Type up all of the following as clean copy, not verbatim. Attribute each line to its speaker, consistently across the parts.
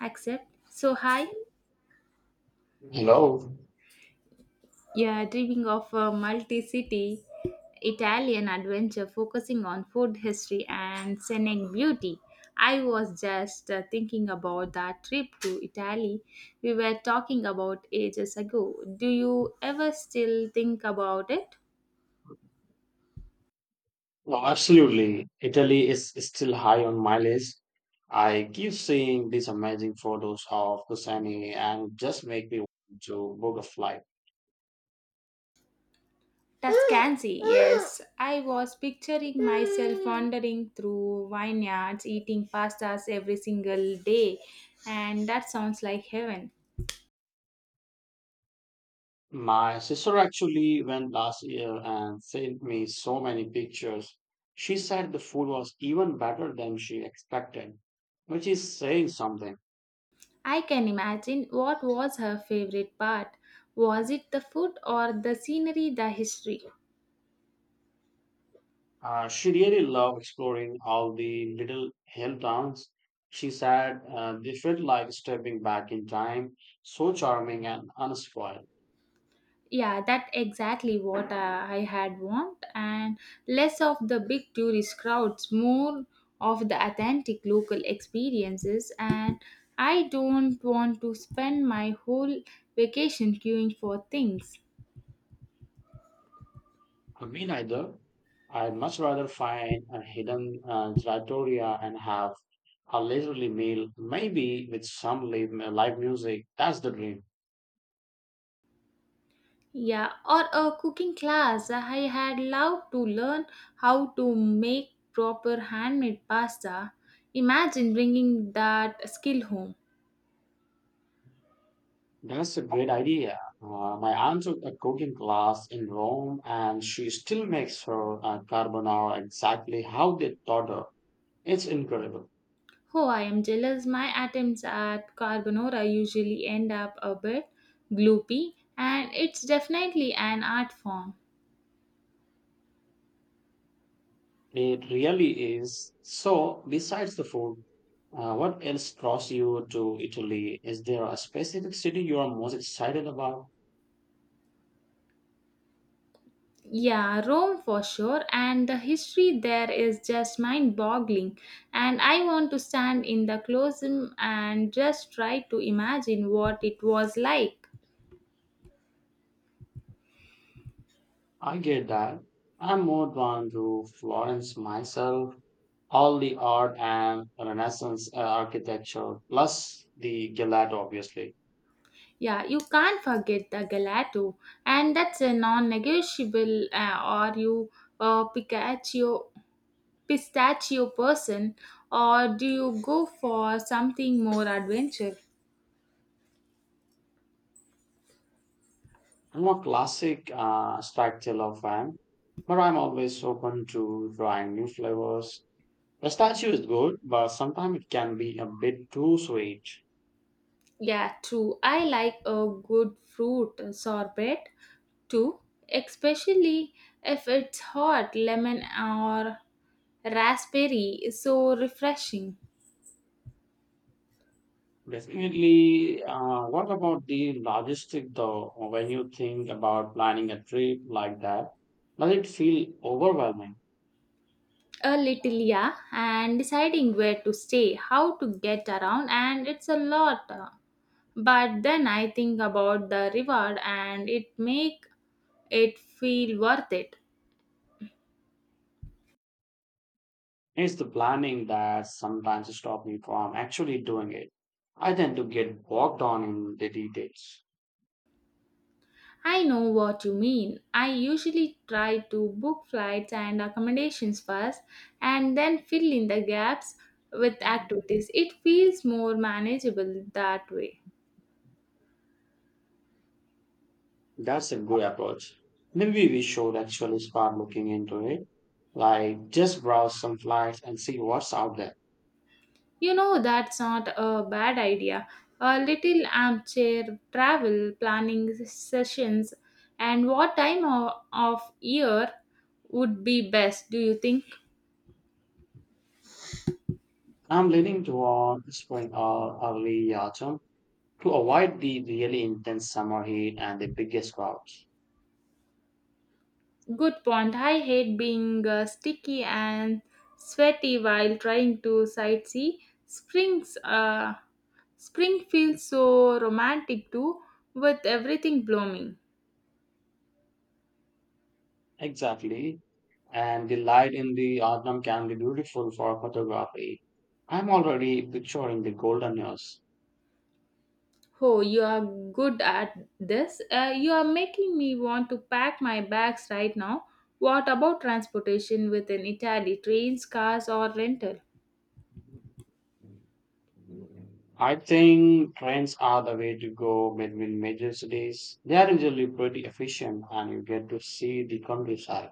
Speaker 1: Accept. So, hi,
Speaker 2: Hello.
Speaker 1: you're dreaming of a multi city Italian adventure focusing on food history and scenic beauty. I was just thinking about that trip to Italy we were talking about ages ago. Do you ever still think about it?
Speaker 2: No, absolutely. Italy is still high on my list. I keep seeing these amazing photos of Kusani and just make me want to book a flight.
Speaker 1: Tuscany, yes. I was picturing myself wandering through vineyards, eating pastas every single day, and that sounds like heaven.
Speaker 2: My sister actually went last year and sent me so many pictures. She said the food was even better than she expected, which is saying something.
Speaker 1: I can imagine what was her favorite part. Was it the food or the scenery, the history?
Speaker 2: She really loved exploring all the little hill towns. She said they felt like stepping back in time, so charming and unspoiled.
Speaker 1: Yeah, that's exactly what I had want and less of the big tourist crowds, more of the authentic local experiences and I don't want to spend my whole vacation queuing for things.
Speaker 2: Me neither. I'd much rather find a hidden trattoria and have a leisurely meal, maybe with some live music. That's the dream.
Speaker 1: Yeah, or a cooking class. I had loved to learn how to make proper handmade pasta. Imagine bringing that skill home.
Speaker 2: That's a great idea. My aunt took a cooking class in Rome, and she still makes her carbonara exactly how they taught her. It's incredible.
Speaker 1: Oh, I am jealous. My attempts at carbonara usually end up a bit gloopy, and it's definitely an art form.
Speaker 2: It really is. So, besides the food, what else draws you to Italy? Is there a specific city you are most excited about?
Speaker 1: Yeah, Rome for sure, and the history there is just mind boggling. And I want to stand in the Colosseum and just try to imagine what it was like.
Speaker 2: I get that. I'm more drawn to Florence myself. All the art and Renaissance architecture, plus the gelato, obviously.
Speaker 1: Yeah, you can't forget the gelato, and that's a non-negotiable. Or you a pistachio person, or do you go for something more adventure?
Speaker 2: I'm a classic style of fan, but I'm always open to trying new flavors. Pistachio is good, but sometimes it can be a bit too sweet.
Speaker 1: Yeah, true. I like a good fruit sorbet too, especially if it's hot lemon or raspberry. Is so refreshing.
Speaker 2: Definitely. What about the logistic though? When you think about planning a trip like that, does it feel overwhelming?
Speaker 1: A little, yeah, and deciding where to stay, how to get around, and it's a lot, but then I think about the reward and it make it feel worth it.
Speaker 2: It's the planning that sometimes stops me from actually doing it. I tend to get bogged down in the details.
Speaker 1: I know what you mean. I usually try to book flights and accommodations first and then fill in the gaps with activities. It feels more manageable that way.
Speaker 2: That's a good approach. Maybe we should actually start looking into it. Like just browse some flights and see what's out there.
Speaker 1: You know, that's not a bad idea. A little armchair travel planning sessions, and what time of year would be best, do you think?
Speaker 2: I'm leaning toward spring or early autumn to avoid the really intense summer heat and the biggest crowds.
Speaker 1: Good point. I hate being sticky and sweaty while trying to sightsee. Springs, uh, spring feels so romantic too, with everything blooming.
Speaker 2: Exactly. And the light in the autumn can be beautiful for photography. I'm already picturing the golden years.
Speaker 1: Oh, you are good at this. You are making me want to pack my bags right now. What about transportation within Italy? Trains, cars, or rental?
Speaker 2: I think trains are the way to go between major cities. They are usually pretty efficient and you get to see the countryside.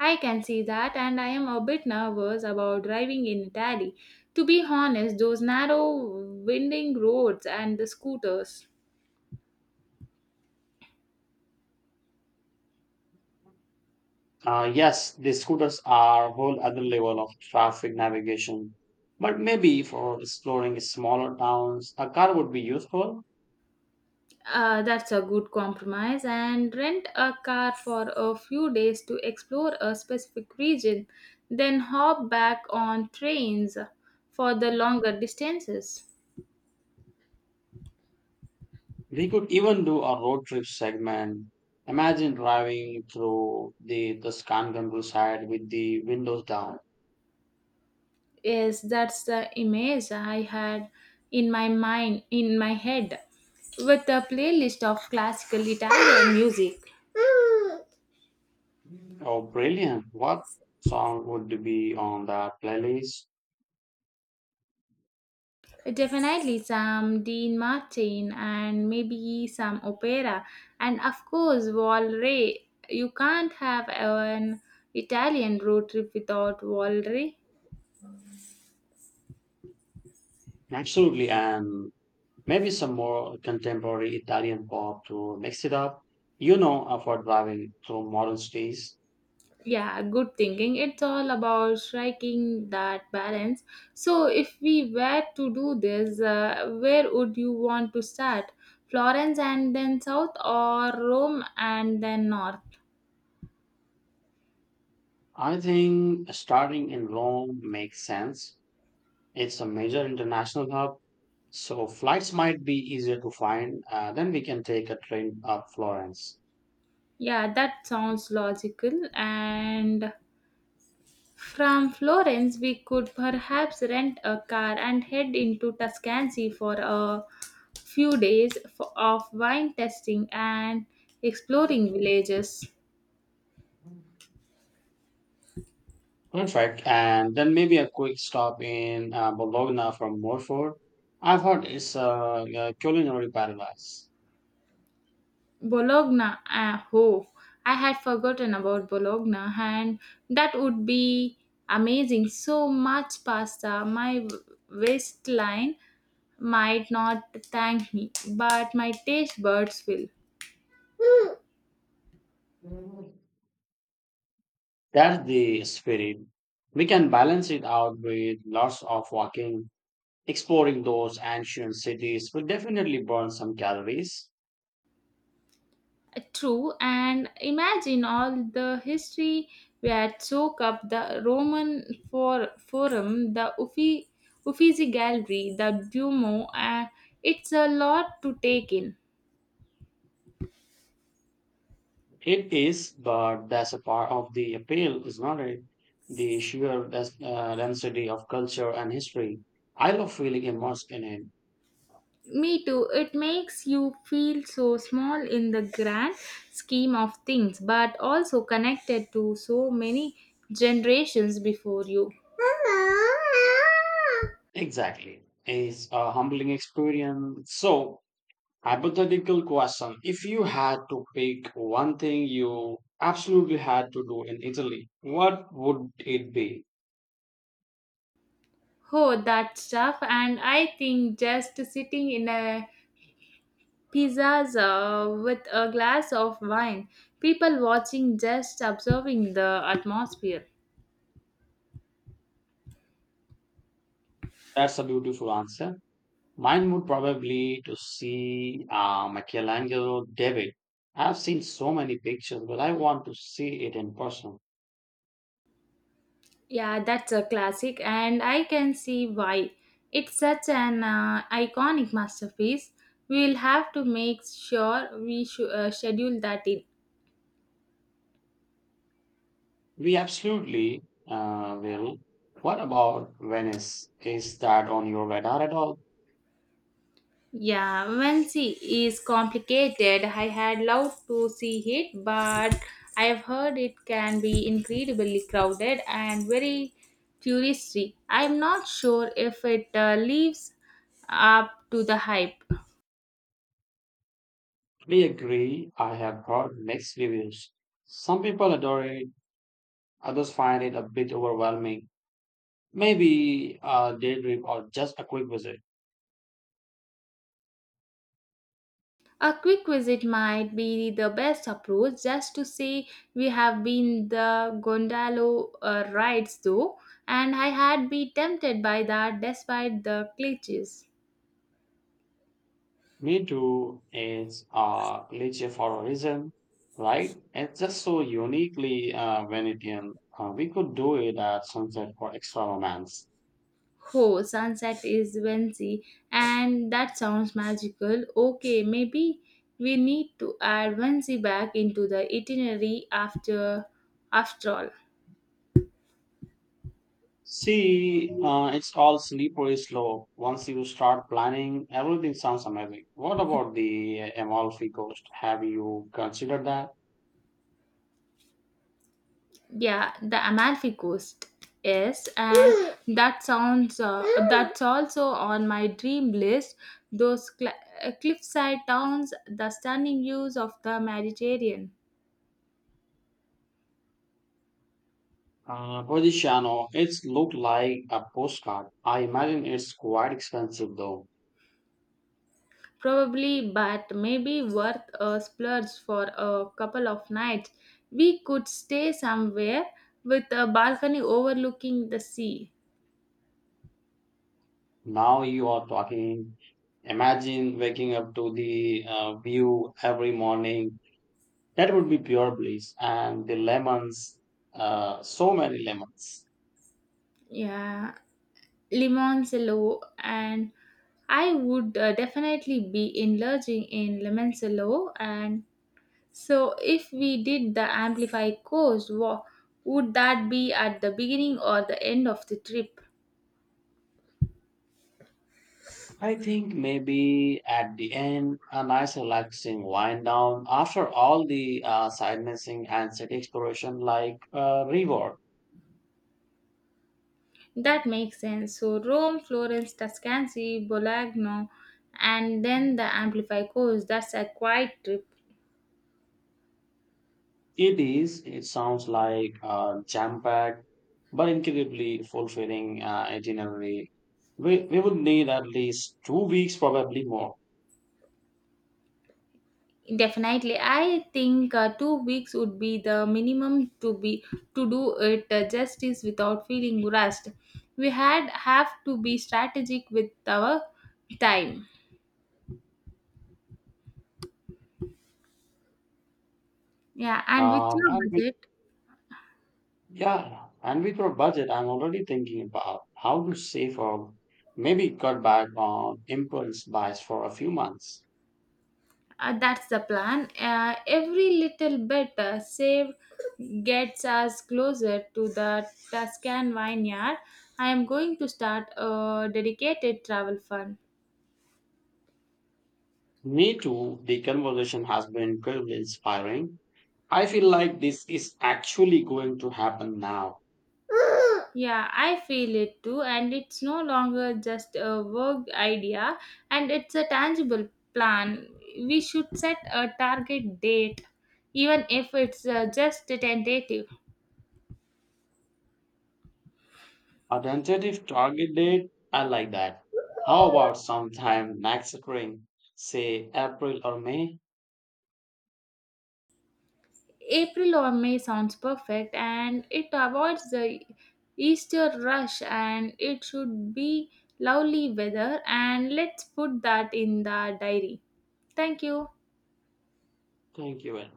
Speaker 1: I can see that, and I am a bit nervous about driving in Italy. To be honest, those narrow, winding roads and the scooters.
Speaker 2: Yes, the scooters are a whole other level of traffic navigation. But maybe for exploring smaller towns, a car would be useful.
Speaker 1: That's a good compromise. And rent a car for a few days to explore a specific region, then hop back on trains for the longer distances.
Speaker 2: We could even do a road trip segment. Imagine driving through the Tuscan countryside with the windows down.
Speaker 1: Yes, that's the image I had in my mind, in my head, with a playlist of classical Italian music.
Speaker 2: Oh, brilliant. What song would be on that playlist?
Speaker 1: Definitely some Dean Martin and maybe some opera, and of course, Valray. You can't have an Italian road trip without Valray.
Speaker 2: Absolutely. And maybe some more contemporary Italian pop to mix it up, you know, for driving through modern cities.
Speaker 1: Yeah, good thinking. It's all about striking that balance. So, if we were to do this, where would you want to start? Florence and then south, or Rome and then north?
Speaker 2: I think starting in Rome makes sense. It's a major international hub, so flights might be easier to find. Then we can take a train up Florence.
Speaker 1: Yeah, that sounds logical. And from Florence, we could perhaps rent a car and head into Tuscany for a few days of wine tasting and exploring villages.
Speaker 2: Perfect. And then maybe a quick stop in Bologna from Morfor. I've heard it's a culinary paradise.
Speaker 1: Bologna, ah, oh, I had forgotten about Bologna, and that would be amazing. So much pasta, my waistline might not thank me, but my taste buds will.
Speaker 2: That's the spirit. We can balance it out with lots of walking, exploring those ancient cities will definitely burn some calories.
Speaker 1: True, and imagine all the history we had soak up: the Roman for Forum, the Uffizi Gallery, the Duomo. It's a lot to take in.
Speaker 2: It is, but that's a part of the appeal, is not it? The sheer density of culture and history. I love feeling immersed in it.
Speaker 1: Me too. It makes you feel so small in the grand scheme of things, but also connected to so many generations before you.
Speaker 2: Exactly. It's a humbling experience. So, hypothetical question. If you had to pick one thing you absolutely had to do in Italy, what would it be?
Speaker 1: Oh, that stuff, and I think just sitting in a pizzas with a glass of wine, people watching, just observing the atmosphere.
Speaker 2: That's a beautiful answer. Mine would probably to see Michelangelo David. I've seen so many pictures, but I want to see it in person.
Speaker 1: Yeah, that's a classic, and I can see why. It's such an iconic masterpiece. We'll have to make sure we schedule that in.
Speaker 2: We absolutely will. What about Venice? Is that on your radar at all?
Speaker 1: Yeah, Wensi is complicated. I had loved to see it, but I have heard it can be incredibly crowded and very touristy. I'm not sure if it lives up to the hype.
Speaker 2: We agree. I have heard mixed reviews. Some people adore it, others find it a bit overwhelming. Maybe a day trip or just a quick visit.
Speaker 1: A quick visit might be the best approach, just to say we have been. The gondola rides though, and I had been tempted by that despite the glitches.
Speaker 2: Me too is a glitch for a reason, right? It's just so uniquely Venetian. We could do it at sunset for extra romance.
Speaker 1: Oh, sunset is Wednesday, and that sounds magical. Okay, maybe we need to add Wednesday back into the itinerary after all.
Speaker 2: See, it's all slippery slope. Once you start planning, everything sounds amazing. What about the Amalfi Coast? Have you considered that?
Speaker 1: Yeah, the Amalfi Coast. Yes, and that sounds that's also on my dream list. Those cliffside towns, the stunning views of the Mediterranean.
Speaker 2: Posiziano, it's looked like a postcard. I imagine it's quite expensive though.
Speaker 1: Probably, but maybe worth a splurge for a couple of nights. We could stay somewhere with a balcony overlooking the sea.
Speaker 2: Now you are talking. Imagine waking up to the view every morning. That would be pure bliss. And the lemons, so many lemons.
Speaker 1: Yeah, Limoncello, and I would definitely be indulging in Limoncello. And so, if we did the Amplify course, would that be at the beginning or the end of the trip?
Speaker 2: I think maybe at the end, a nice relaxing wind down after all the sightseeing and city exploration, like reward.
Speaker 1: That makes sense. So Rome, Florence, Tuscany, Bologna, and then the Amplify course. That's a quite trip.
Speaker 2: It is. It sounds like a jam-packed but incredibly fulfilling itinerary. We would need at least 2 weeks, probably more.
Speaker 1: Definitely, I think 2 weeks would be the minimum, to be to do it justice without feeling rushed. We had have to be strategic with our time. Yeah, and with
Speaker 2: Um,
Speaker 1: your
Speaker 2: and we,
Speaker 1: budget.
Speaker 2: yeah, and with our budget, I'm already thinking about how to save or maybe cut back on impulse buys for a few months.
Speaker 1: That's the plan. Every little bit saved gets us closer to the Tuscan vineyard. I am going to start a dedicated travel fund.
Speaker 2: Me too. The conversation has been incredibly inspiring. I feel like this is actually going to happen now.
Speaker 1: Yeah, I feel it too, and it's no longer just a vague idea, and it's a tangible plan. We should set a target date, even if it's just tentative.
Speaker 2: A tentative target date? I like that. How about sometime next spring, say April or May?
Speaker 1: April or May sounds perfect and it avoids the Easter rush and it should be lovely weather and let's put that in the diary. Thank you.
Speaker 2: Thank you. Very